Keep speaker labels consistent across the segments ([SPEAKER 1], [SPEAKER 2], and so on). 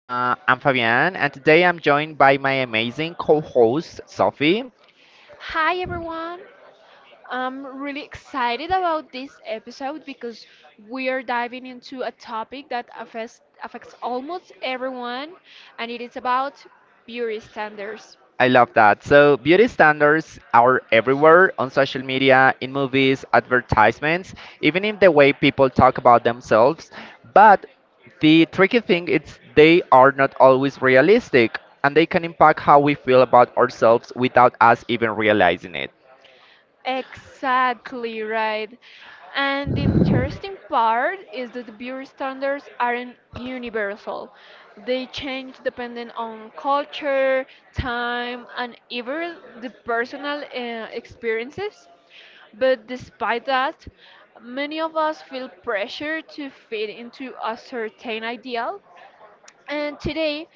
[SPEAKER 1] I'm Fabian, and today I'm joined by my amazing co-host Sophie.
[SPEAKER 2] Hi everyone. I'm really excited about this episode because we are diving into a topic that affects almost everyone, and it is about beauty standards.
[SPEAKER 1] I love that. So beauty standards are everywhere on social media, in movies, advertisements, even in the way people talk about themselves. But the tricky thing is they are not always realistic, and they can impact how we feel about ourselves without us even realizing it.
[SPEAKER 2] Exactly right. And the interesting part is that the beauty standards aren't universal. They change depending on culture, time, and even the personal experiences. But despite that, many of us feel pressure to fit into a certain ideal, and today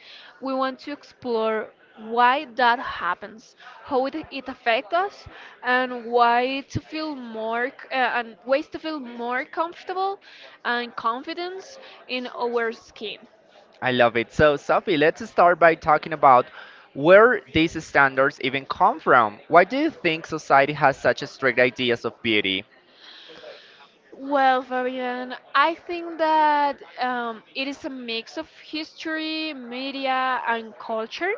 [SPEAKER 2] we want to explore why that happens, how it affects us, and why to feel more c- and ways to feel more comfortable and confidence in our skin.
[SPEAKER 1] I love it. So, Sophie, let's start by talking about where these standards even come from. Why do you think society has such a strict ideas of beauty?
[SPEAKER 2] Well, Fabian, I think that it is a mix of history, media, and culture.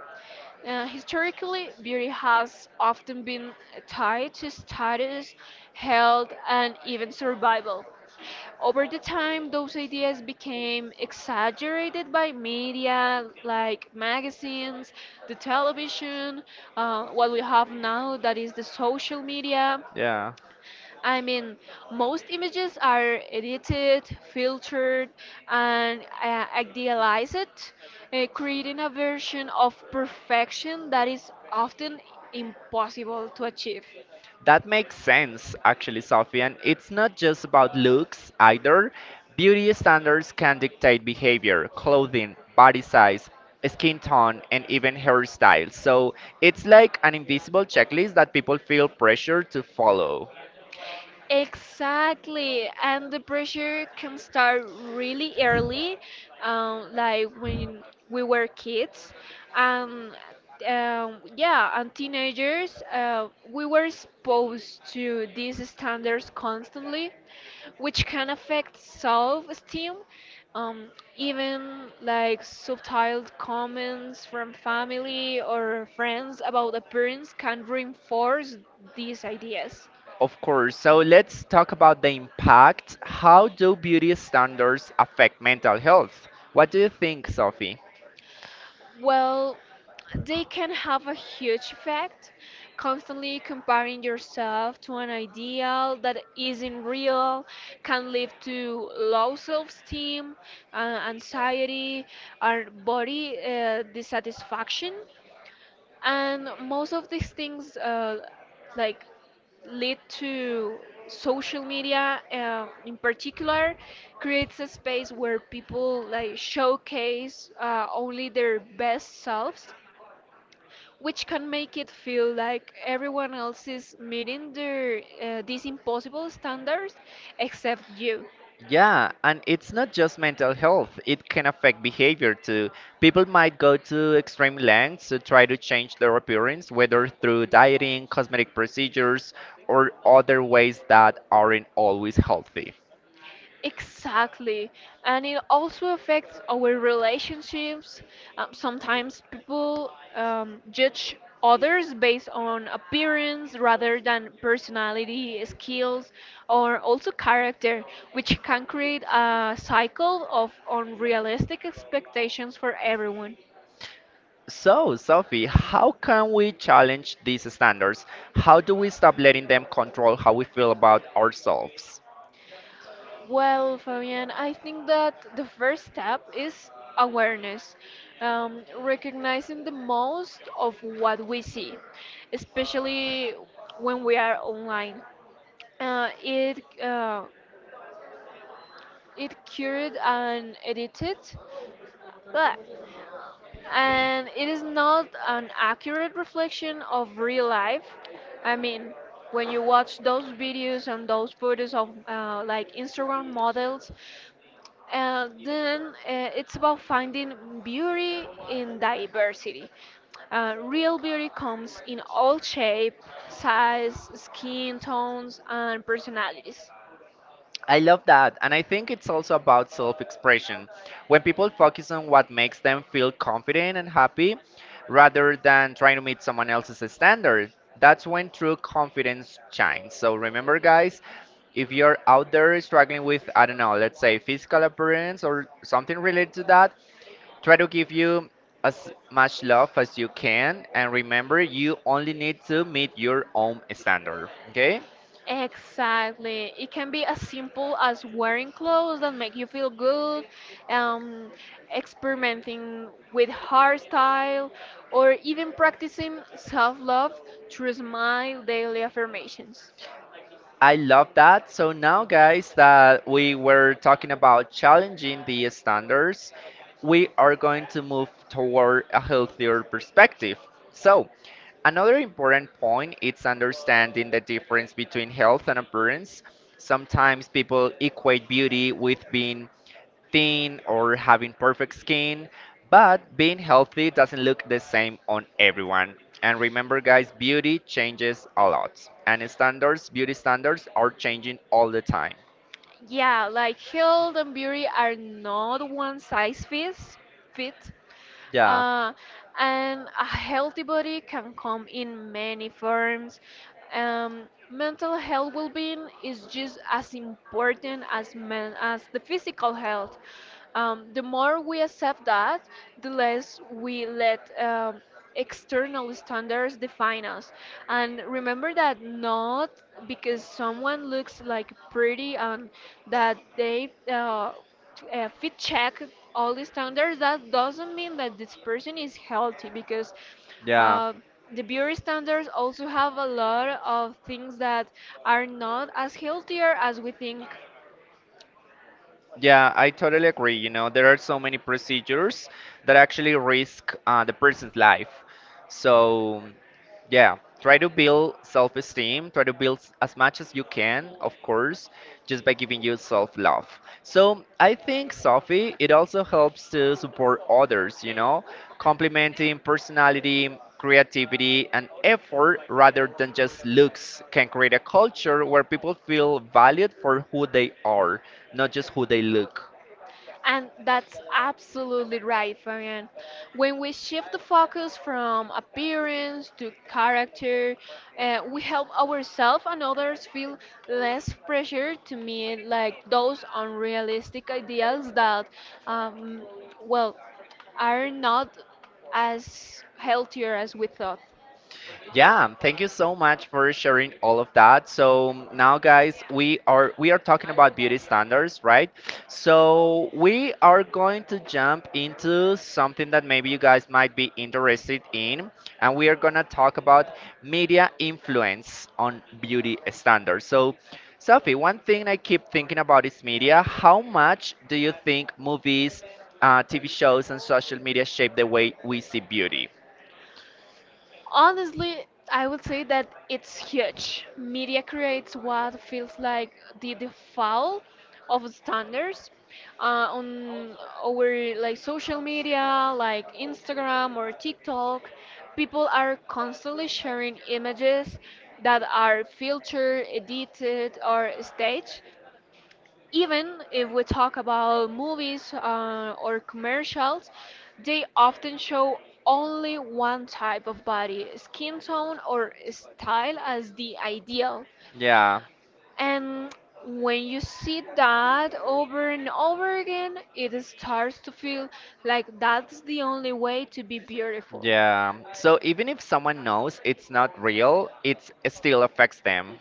[SPEAKER 2] Historically, beauty has often been tied to status, health, and even survival. Over the time, those ideas became exaggerated by media, like magazines, the television, what we have now that is the social media.
[SPEAKER 1] Yeah.
[SPEAKER 2] I mean, most images are edited, filtered, and idealized, creating a version of perfection that is often impossible to achieve.
[SPEAKER 1] That makes sense, actually, Sophie. And it's not just about looks either. Beauty standards can dictate behavior, clothing, body size, skin tone, and even hairstyle. So it's like an invisible checklist that people feel pressured to follow.
[SPEAKER 2] Exactly, and the pressure can start really early, like when we were kids, and yeah, and teenagers. We were exposed to these standards constantly, which can affect self-esteem. Even like subtle comments from family or friends about appearance can reinforce these ideas.
[SPEAKER 1] Of course. So let's talk about the impact. How do beauty standards affect mental health? What do you think, Sophie?
[SPEAKER 2] Well, they can have a huge effect. Constantly comparing yourself to an ideal that isn't real can lead to low self esteem, uh, anxiety, or body dissatisfaction. And most of these things, like, lead to social media, in particular, creates a space where people like showcase only their best selves, which can make it feel like everyone else is meeting their these impossible standards except you.
[SPEAKER 1] Yeah, and it's not just mental health, it can affect behavior too. People might go to extreme lengths to try to change their appearance, whether through dieting, cosmetic procedures, or other ways that aren't always healthy.
[SPEAKER 2] Exactly. And it also affects our relationships. Sometimes people judge others based on appearance rather than personality, skills, or also character, which can create a cycle of unrealistic expectations for everyone.
[SPEAKER 1] So, Sophie, how can we challenge these standards? How do we stop letting them control how we feel about ourselves?
[SPEAKER 2] Well, Fabian, I think that the first step is awareness, recognizing the most of what we see, especially when we are online. Uh, it uh, it cured and edited, but and it is not an accurate reflection of real life. I mean, when you watch those videos and those photos of like Instagram models, then it's about finding beauty in diversity. Real beauty comes in all shape, size, skin tones, and personalities.
[SPEAKER 1] I love that, and I think it's also about self expression. When people focus on what makes them feel confident and happy rather than trying to meet someone else's standard, that's when true confidence shines. So remember, guys, if you're out there struggling with, I don't know, let's say physical appearance or something related to that, try to give you as much love as you can, and remember, you only need to meet your own standard, okay?
[SPEAKER 2] Exactly. It can be as simple as wearing clothes that make you feel good, um, experimenting with hairstyle, or even practicing self love through smile daily affirmations.
[SPEAKER 1] I love that. So now, guys, that we were talking about challenging the standards, we are going to move toward a healthier perspective. So, another important point is understanding the difference between health and appearance. Sometimes people equate beauty with being thin or having perfect skin, but being healthy doesn't look the same on everyone. And remember, guys, beauty changes a lot, and standards, beauty standards are changing all the time.
[SPEAKER 2] Yeah, like health and beauty are not one size fit.
[SPEAKER 1] Yeah.
[SPEAKER 2] Uh, and a healthy body can come in many forms. Mental health well-being is just as important as men as the physical health. The more we accept that, the less we let external standards define us. And remember that not because someone looks like pretty and that they fit check all the standards, that doesn't mean that this person is healthy because
[SPEAKER 1] Yeah,
[SPEAKER 2] uh, the beauty standards also have a lot of things that are not as healthier as we think.
[SPEAKER 1] yeah, I totally agree. You know, there are so many procedures that actually risk the person's life. So yeah, try to build self-esteem, try to build as much as you can, of course, just by giving you self-love. So I think, Sophie, it also helps to support others, you know, complementing personality, creativity, and effort rather than just looks can create a culture where people feel valued for who they are, not just who they look.
[SPEAKER 2] And that's absolutely right, Fabian. When we shift the focus from appearance to character, we help ourselves and others feel less pressure to meet like those unrealistic ideals that, um, well, are not as healthier as we thought.
[SPEAKER 1] Yeah, thank you so much for sharing all of that. So now guys, we are talking about beauty standards, right? So we are going to jump into something that maybe you guys might be interested in and we are going to talk about media influence on beauty standards. So Sophie, one thing I keep thinking about is media. How much do you think movies, TV shows and social media shape the way we see beauty?
[SPEAKER 2] Honestly, I would say that it's huge. Media creates what feels like the default of standards on our like social media, like Instagram or TikTok. People are constantly sharing images that are filtered, edited, or staged, even if we talk about movies or commercials, they often show only one type of body, skin tone or style as the ideal.
[SPEAKER 1] Yeah.
[SPEAKER 2] And when you see that over and over again, it starts to feel like that's the only way to be beautiful.
[SPEAKER 1] Yeah. So even if someone knows it's not real, it still affects them.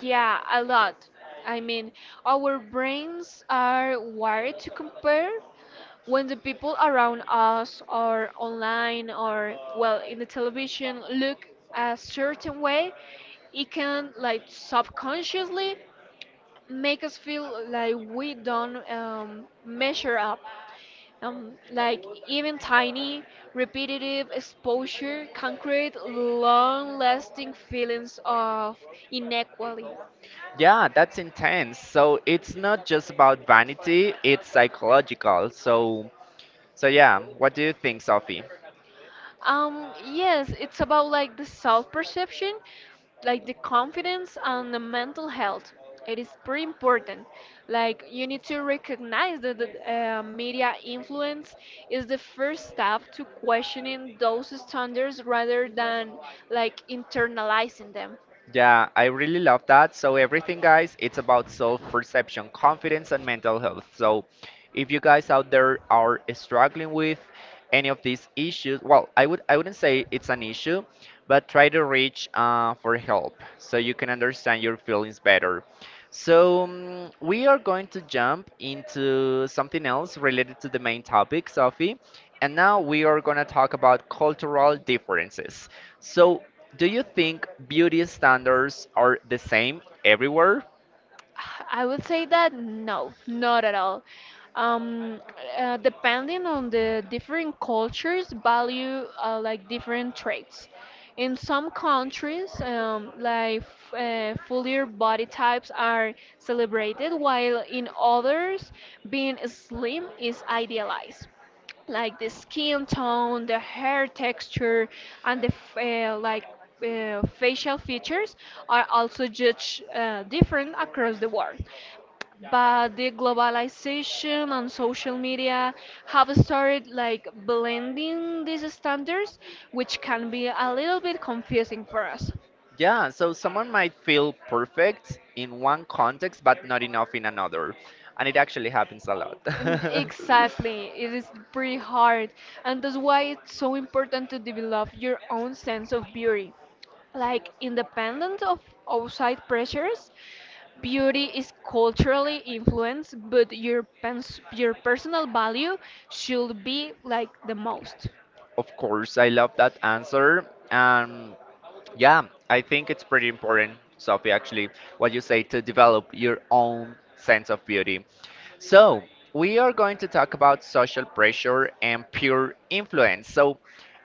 [SPEAKER 2] Yeah, a lot. I mean, our brains are wired to compare when the people around us or online or well in the television look a certain way, it can like subconsciously make us feel like we don't measure up, like even tiny, repetitive exposure can create long-lasting feelings of inequality.
[SPEAKER 1] Yeah, that's intense. So it's not just about vanity, it's psychological. So yeah, what do you think, Sophie?
[SPEAKER 2] Yes, it's about like the self-perception, like the confidence and the mental health. It is pretty important. Like you need to recognize that the media influence is the first step to questioning those standards rather than like internalizing them.
[SPEAKER 1] Yeah, I really love that. So, everything, guys, it's about self perception, confidence, and mental health. So, if you guys out there are struggling with any of these issues, well, I wouldn't say it's an issue, but try to reach for help so you can understand your feelings better. So, we are going to jump into something else related to the main topic, Sophie. And now we are going to talk about cultural differences. So, do you think beauty standards are the same everywhere?
[SPEAKER 2] I would say that no, not at all. Um, Depending on the different cultures, value like different traits. In some countries, like f- fuller body types are celebrated, while in others, being slim is idealized, like the skin tone, the hair texture, and the facial features are also judged different across the world. But the globalization and social media have started like blending these standards, which can be a little bit confusing for us.
[SPEAKER 1] Yeah, so someone might feel perfect in one context but not enough in another. And it actually happens a lot.
[SPEAKER 2] Exactly, it is pretty hard, and that's why it's so important to develop your own sense of beauty. Like, independent of outside pressures, beauty is culturally influenced, but your personal value should be like the most.
[SPEAKER 1] Of course, I love that answer. And yeah, I think it's pretty important, Sophie, actually, what you say to develop your own sense of beauty. So, we are going to talk about social pressure and peer influence. So,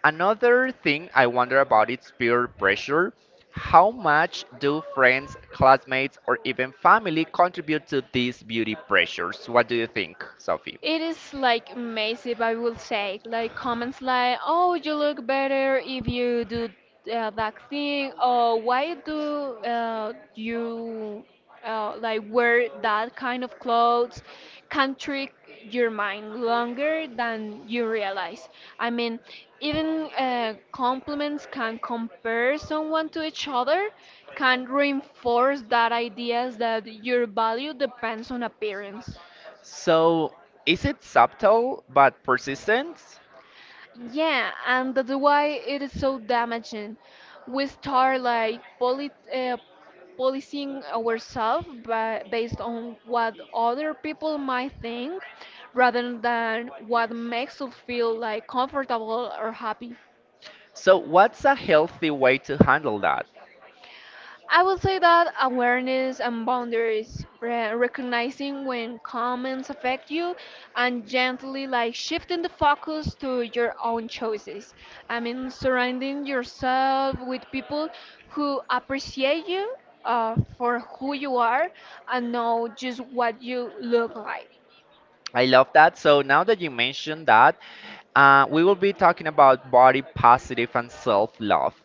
[SPEAKER 1] another thing I wonder about is peer pressure. How much do friends, classmates, or even family contribute to these beauty pressures? What do you think, Sophie?
[SPEAKER 2] It is like massive, I will say. Like comments like, "Oh, you look better if you do that thing," or "Why do you like wear that kind of clothes?" Can trick your mind longer than you realize. I mean, even compliments can compare someone to each other, can reinforce that ideas that your value depends on appearance.
[SPEAKER 1] So, is it subtle but persistent?
[SPEAKER 2] Yeah, and that's why it is so damaging. We start like poly policing ourselves by, based on what other people might think rather than what makes us feel like comfortable or happy.
[SPEAKER 1] So, what's a healthy way to handle that?
[SPEAKER 2] I would say that awareness and boundaries, recognizing when comments affect you and gently like shifting the focus to your own choices. I mean, surrounding yourself with people who appreciate you for who you are and know just what you look like.
[SPEAKER 1] I love that. So, now that you mentioned that, we will be talking about body positive and self love.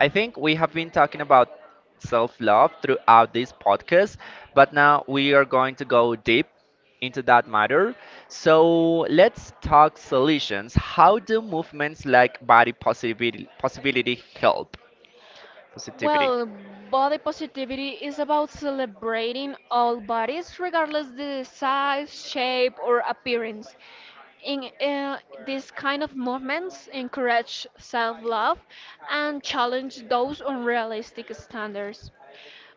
[SPEAKER 1] I think we have been talking about self love throughout this podcast, but now we are going to go deep into that matter. So let's talk solutions. How do movements like body positivity, possibility help? Positivity.
[SPEAKER 2] Well, body positivity is about celebrating all bodies, regardless the size, shape, or appearance. In These kind of movements, encourage self-love and challenge those unrealistic standards.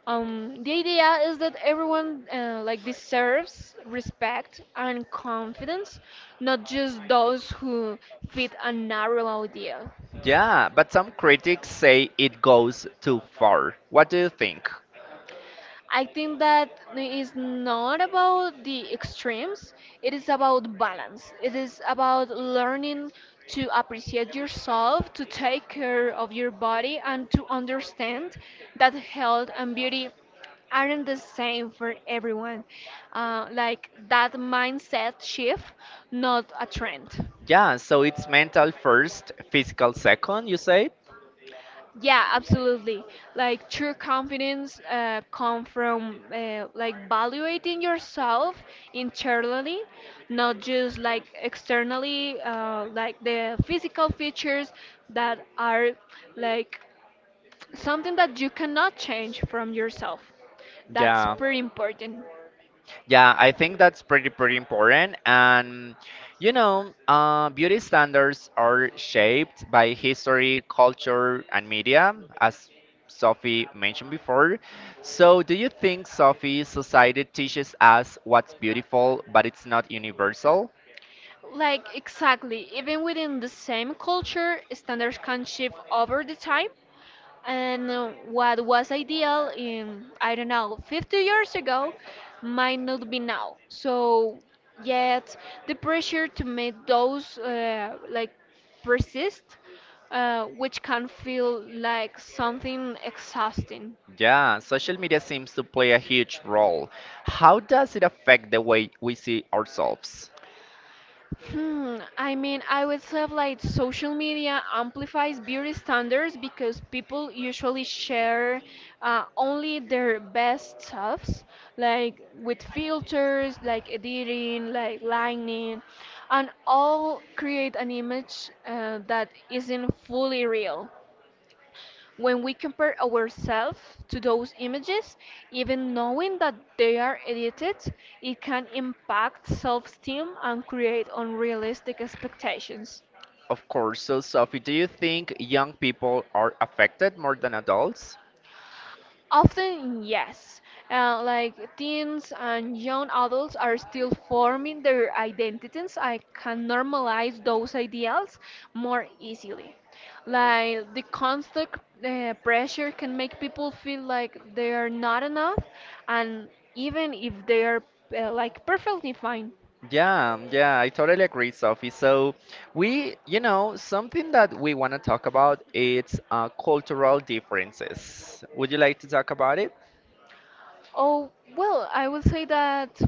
[SPEAKER 2] The idea is that everyone like deserves respect and confidence, not just those who fit a narrow idea.
[SPEAKER 1] Yeah, but some critics say it goes too far. What do you think?
[SPEAKER 2] I think that it's not about the extremes, it is about balance. It is about learning to appreciate yourself, to take care of your body, and to understand that health and beauty aren't the same for everyone. Like that mindset shift, not a trend.
[SPEAKER 1] Yeah, so it's mental first, physical second, you say?
[SPEAKER 2] Yeah, absolutely. Like true confidence come from like evaluating yourself internally, not just like externally, like the physical features that are like something that you cannot change from yourself. That's
[SPEAKER 1] Yeah.
[SPEAKER 2] pretty important.
[SPEAKER 1] Yeah, I think that's pretty important. And you know, beauty standards are shaped by history, culture, and media, as Sophie mentioned before. So, do you think Sophie society teaches us what's beautiful, but it's not universal?
[SPEAKER 2] Like exactly, even within the same culture, standards can shift over the time. And what was ideal in, I don't know, 50 years ago might not be now. So, yet the pressure to make those like persist, which can feel like something exhausting.
[SPEAKER 1] Yeah, social media seems to play a huge role. How does it affect the way we see ourselves?
[SPEAKER 2] Hmm, I mean, I would say like social media amplifies beauty standards because people usually share only their best selves, like with filters, like editing, like lighting, and all create an image that isn't fully real. When we compare ourselves to those images, even knowing that they are edited, it can impact self esteem and create unrealistic expectations.
[SPEAKER 1] Of course. So, Sophie, do you think young people are affected more than adults?
[SPEAKER 2] Often, yes. Like teens and young adults are still forming their identities. I can normalize those ideals more easily. Like the constant pressure can make people feel like they are not enough, and even if they are like perfectly fine.
[SPEAKER 1] Yeah, yeah, I totally agree, Sophie. So we, you know, something that we want to talk about is cultural differences. Would you like to talk about it?
[SPEAKER 2] Oh, well, I would say that.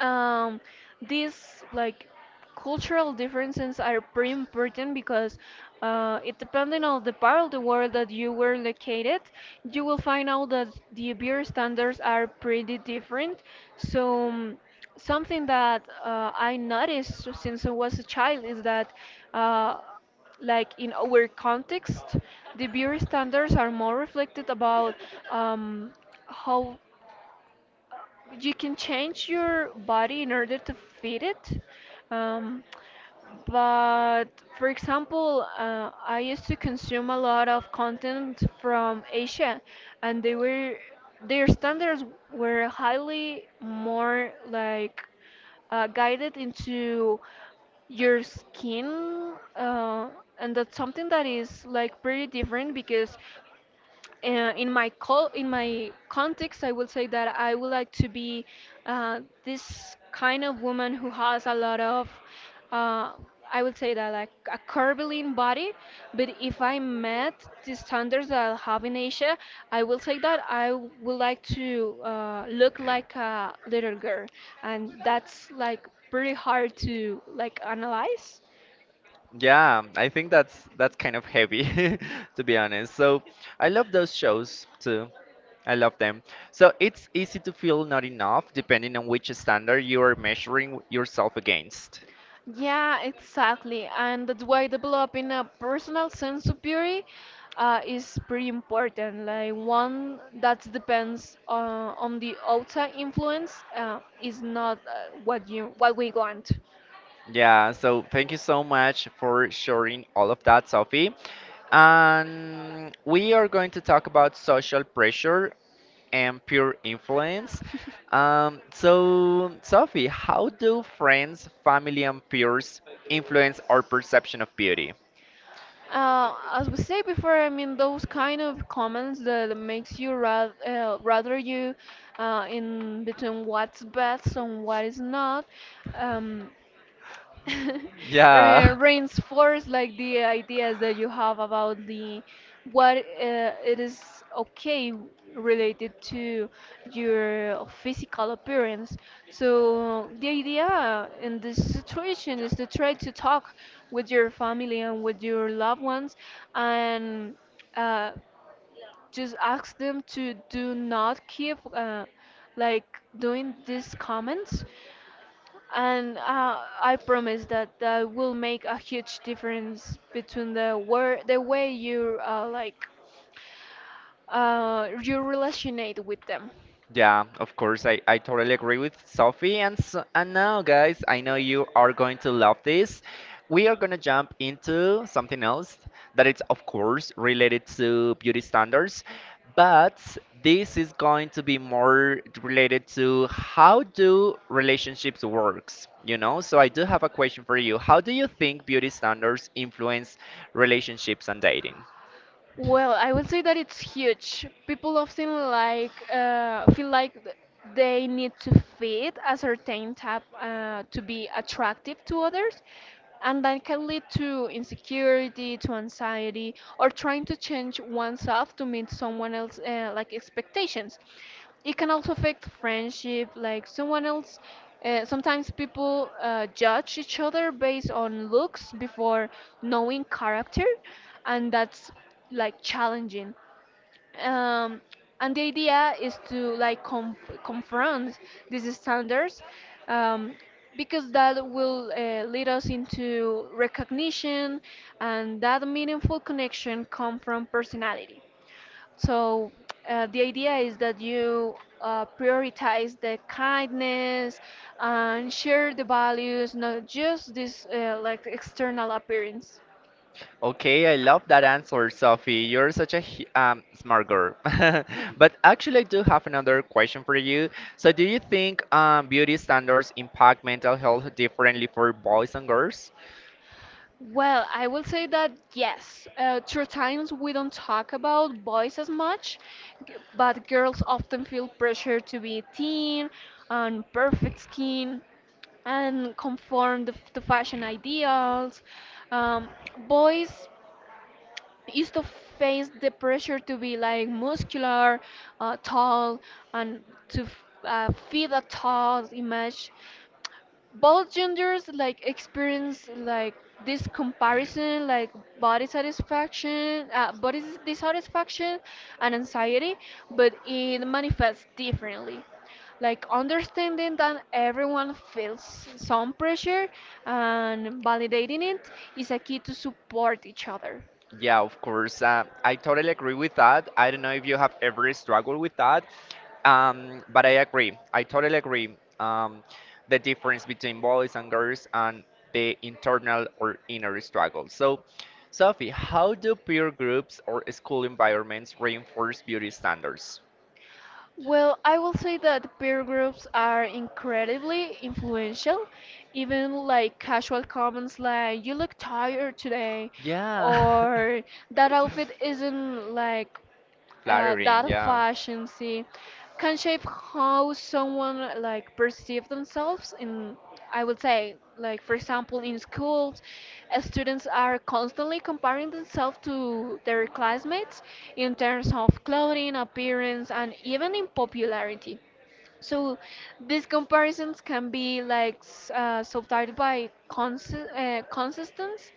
[SPEAKER 2] um, these like cultural differences are pretty important because it depending on the part of the world that you were located, you will find out that the beer standards are pretty different. So something that I noticed since I was a child is that uh, like in our context, the beer standards are more reflected about um, how you can change your body in order to fit it. Um, but for example, I used to consume a lot of content from Asia, and they were their standards were highly more like guided into your skin, and that's something that is like pretty different because in in my context, I will say that I would like to be this kind of woman who has a lot of, uh, I would say that like a curvilinear body. But if I met the standards that I have in Asia, I will say that I would like to look like a little girl, and that's like pretty hard to like analyze.
[SPEAKER 1] Yeah, I think that's kind of heavy, to be honest. So I love those shows too. I love them. So it's easy to feel not enough depending on which standard you are measuring yourself against.
[SPEAKER 2] Yeah, exactly. And that's why developing a personal sense of beauty is pretty important. Like one that depends on the outside influence is not what you what we want.
[SPEAKER 1] Yeah, so thank you so much for sharing all of that, Sophie. And we are going to talk about social pressure and peer influence. So, Sophie, how do friends, family, and peers influence our perception of beauty?
[SPEAKER 2] As we say before, I mean those kind of comments that makes you rather rather you in between what's best and what is not. Um,
[SPEAKER 1] Yeah.
[SPEAKER 2] reinforce like the ideas that you have about the what it is okay related to your physical appearance, so the idea in this situation is to try to talk with your family and with your loved ones and uh, just ask them to do not keep like doing these comments, and I promise that that will make a huge difference between the where the way you like you relationate with them.
[SPEAKER 1] Yeah, of course, I totally agree with Sophie. And, so, and now, guys, I know you are going to love this. We are going to jump into something else that is, of course, related to beauty standards, but this is going to be more related to how do relationships works, you know? So I do have a question for you. How do you think beauty standards influence relationships and dating?
[SPEAKER 2] Well, I would say that it's huge. People often like feel like they need to fit a certain type to be attractive to others, and that can lead to insecurity, to anxiety, or trying to change oneself to meet someone else like expectations. It can also affect friendship, like someone else. Sometimes people judge each other based on looks before knowing character, and that's like challenging. um, and the idea is to like confront these standards, um, because that will lead us into recognition and that meaningful connection come from personality. So the idea is that you prioritize the kindness and share the values, not just this like external appearance.
[SPEAKER 1] Okay, I love that answer, Sophie. You're such a smart girl. But actually, I do have another question for you. So, do you think beauty standards impact mental health differently for boys and girls?
[SPEAKER 2] Well, I will say that yes. Through times we don't talk about boys as much, but girls often feel pressure to be thin and perfect skin and conform to, to fashion ideals. Um, Boys used to face the pressure to be like muscular, tall, and to fit a tall image. Both genders like experience like this comparison, like body satisfaction, body dissatisfaction and anxiety, but it manifests differently. Like understanding that everyone feels some pressure and validating it is a key to support each other.
[SPEAKER 1] Yeah, of course. I totally agree with that. I don't know if you have ever struggled with that, but I agree. I totally agree. The difference between boys and girls and the internal or inner struggle. So, Sophie, how do peer groups or school environments reinforce beauty standards?
[SPEAKER 2] Well, I will say that peer groups are incredibly influential. Even like casual comments like, you look tired today,
[SPEAKER 1] Yeah.
[SPEAKER 2] or that outfit isn't like
[SPEAKER 1] Flattering,
[SPEAKER 2] that
[SPEAKER 1] yeah.
[SPEAKER 2] fashion see, can shape how someone like perceive themselves in. I would say like for example in schools, students are constantly comparing themselves to their classmates in terms of clothing, appearance, and even in popularity. So these comparisons can be like subtitled by consistence,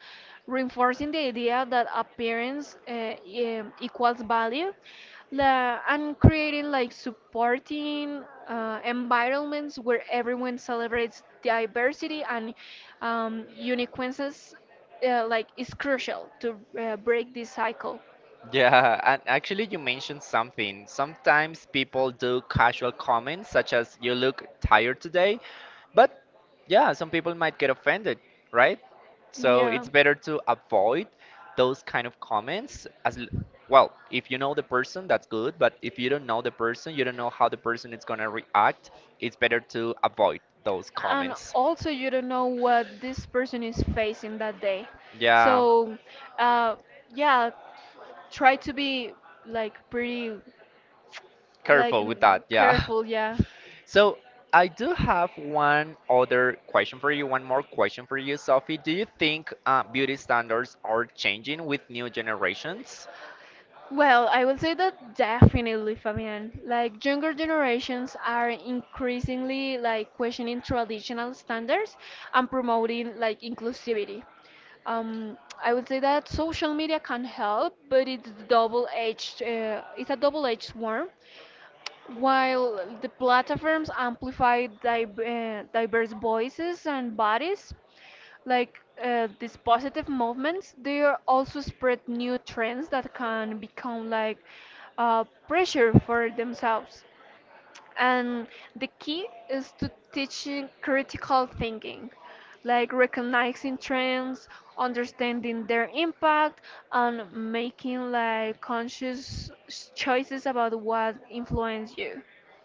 [SPEAKER 2] reinforcing the idea that appearance equals value, la and creating like supporting environments where everyone celebrates diversity and uniqueness, like is crucial to break this cycle.
[SPEAKER 1] Yeah, and actually, you mentioned something. Sometimes people do casual comments such as, you look tired today. But yeah, some people might get offended, right? So it's better to avoid those kind of comments as well, if you know the person, that's good. But if you don't know the person, you don't know how the person is going to react, it's better to avoid those
[SPEAKER 2] And
[SPEAKER 1] comments.
[SPEAKER 2] also, you don't know what this person is facing that day.
[SPEAKER 1] Yeah.
[SPEAKER 2] So, uh, yeah, try to be like pretty like
[SPEAKER 1] Careful with that. Yeah.
[SPEAKER 2] careful, yeah.
[SPEAKER 1] So I do have one other question for you, one more question for you, Sophie. Do you think beauty standards are changing with new generations?
[SPEAKER 2] Well, I will say that definitely, Fabian, like younger generations are increasingly like questioning traditional standards and promoting like inclusivity. I would say that social media can help, but it's double-edged. It's a double-edged sword. While the platforms amplify diverse voices and bodies, like these positive movements, they are also spread new trends that can become like pressure for themselves. And the key is to teaching critical thinking, like recognizing trends, understanding their impact, and making like conscious choices about what influence you.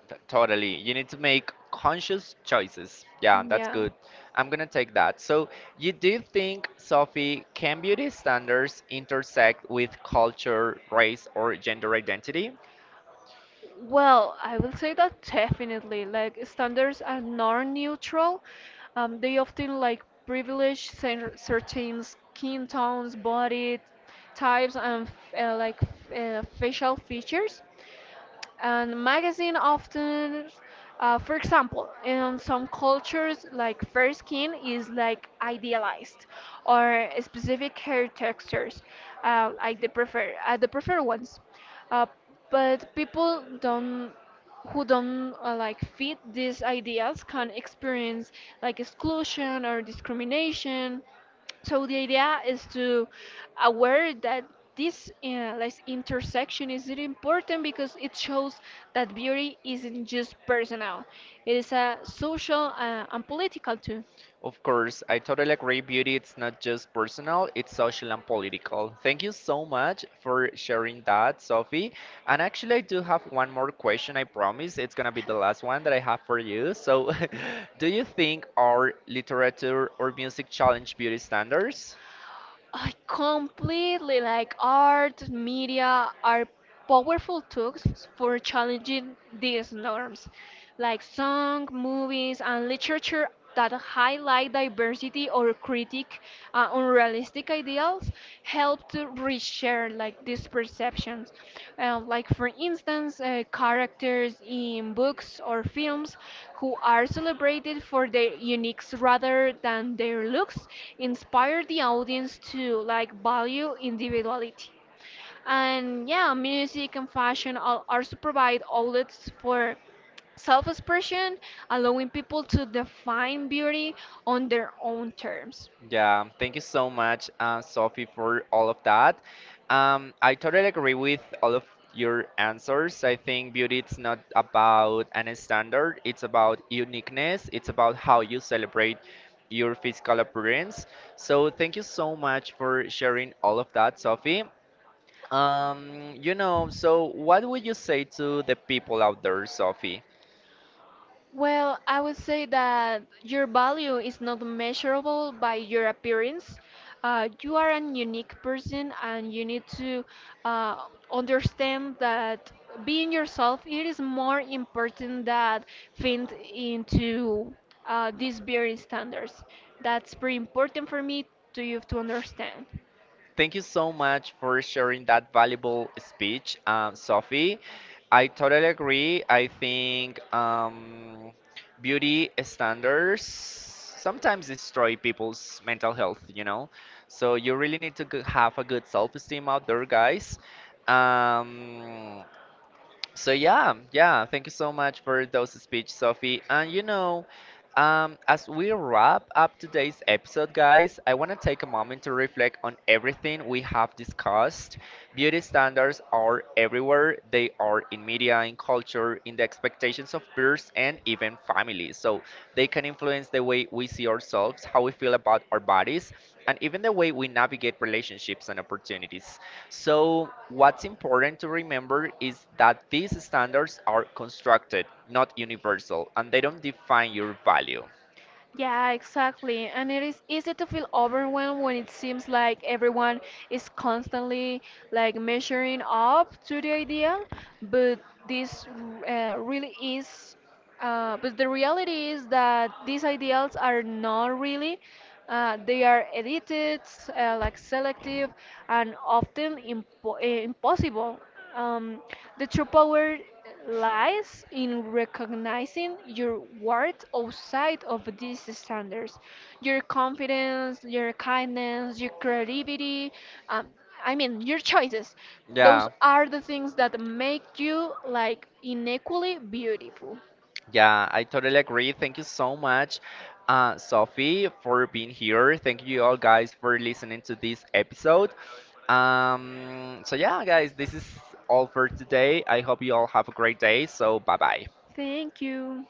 [SPEAKER 1] Totally. You need to make conscious choices. Yeah, that's
[SPEAKER 2] Yeah.
[SPEAKER 1] good. I'm gonna take that. So you do think, Sophie, can beauty standards intersect with culture, race, or gender identity?
[SPEAKER 2] Well, I will say that definitely. Like standards are non-neutral. They often like privilege certain skin tones, body types, and facial features. And magazine often, for example, in some cultures, like fair skin is like idealized, or specific hair textures, like the the preferred ones. Uh, but people don't who don't like fit these ideas can experience like exclusion or discrimination. So the idea is to aware that this like intersection is really important, because it shows that beauty isn't just personal; it is a social and political too.
[SPEAKER 1] Of course, I totally agree. Beauty, it's not just personal, it's social and political. Thank you so much for sharing that, Sophie. And actually, I do have one more question, I promise. It's gonna be the last one that I have for you. So, do you think our literature or music challenge beauty standards?
[SPEAKER 2] I completely like art, media are powerful tools for challenging these norms, like song, movies, and literature that highlight diversity or critique unrealistic ideals. Help to reshare like these perceptions. Like for instance, characters in books or films who are celebrated for their uniques rather than their looks inspire the audience to like value individuality. And yeah, music and fashion also provide outlets for self expression, allowing people to define beauty on their own terms.
[SPEAKER 1] Yeah, thank you so much, Sophie, for all of that. I totally agree with all of your answers. I think beauty is not about any standard, it's about uniqueness, it's about how you celebrate your physical appearance. So, thank you so much for sharing all of that, Sophie. You know, so what would you say to the people out there, Sophie?
[SPEAKER 2] Well, I would say that your value is not measurable by your appearance. You are a unique person, and you need to uh, understand that being yourself it is more important than fit into these beauty standards. That's pretty important for me to you to understand.
[SPEAKER 1] Thank you so much for sharing that valuable speech, Sophie. I totally agree. I think beauty standards sometimes destroy people's mental health, you know? So you really need to have a good self esteem out there, guys. Um, so yeah, yeah, thank you so much for those speech, Sophie. And you know, as we wrap up today's episode, guys, I want to take a moment to reflect on everything we have discussed. Beauty standards are everywhere. They are in media, in culture, in the expectations of peers and even families. So they can influence the way we see ourselves, how we feel about our bodies, and even the way we navigate relationships and opportunities. So, what's important to remember is that these standards are constructed, not universal, and they don't define your value.
[SPEAKER 2] Yeah, exactly. And it is easy to feel overwhelmed when it seems like everyone is constantly like measuring up to the idea, but this really is but the reality is that these ideals are not really. They are edited, like selective, and often impossible. Um, the true power lies in recognizing your worth outside of these standards. Your confidence, your kindness, your creativity, um, I mean, your choices. Those
[SPEAKER 1] Yeah,
[SPEAKER 2] are the things that make you like uniquely beautiful.
[SPEAKER 1] yeah, I totally agree. Thank you so much, Sophie, for being here. Thank you all guys for listening to this episode. So yeah, guys, this is all for today. I hope you all have a great day. So, bye bye.
[SPEAKER 2] Thank you.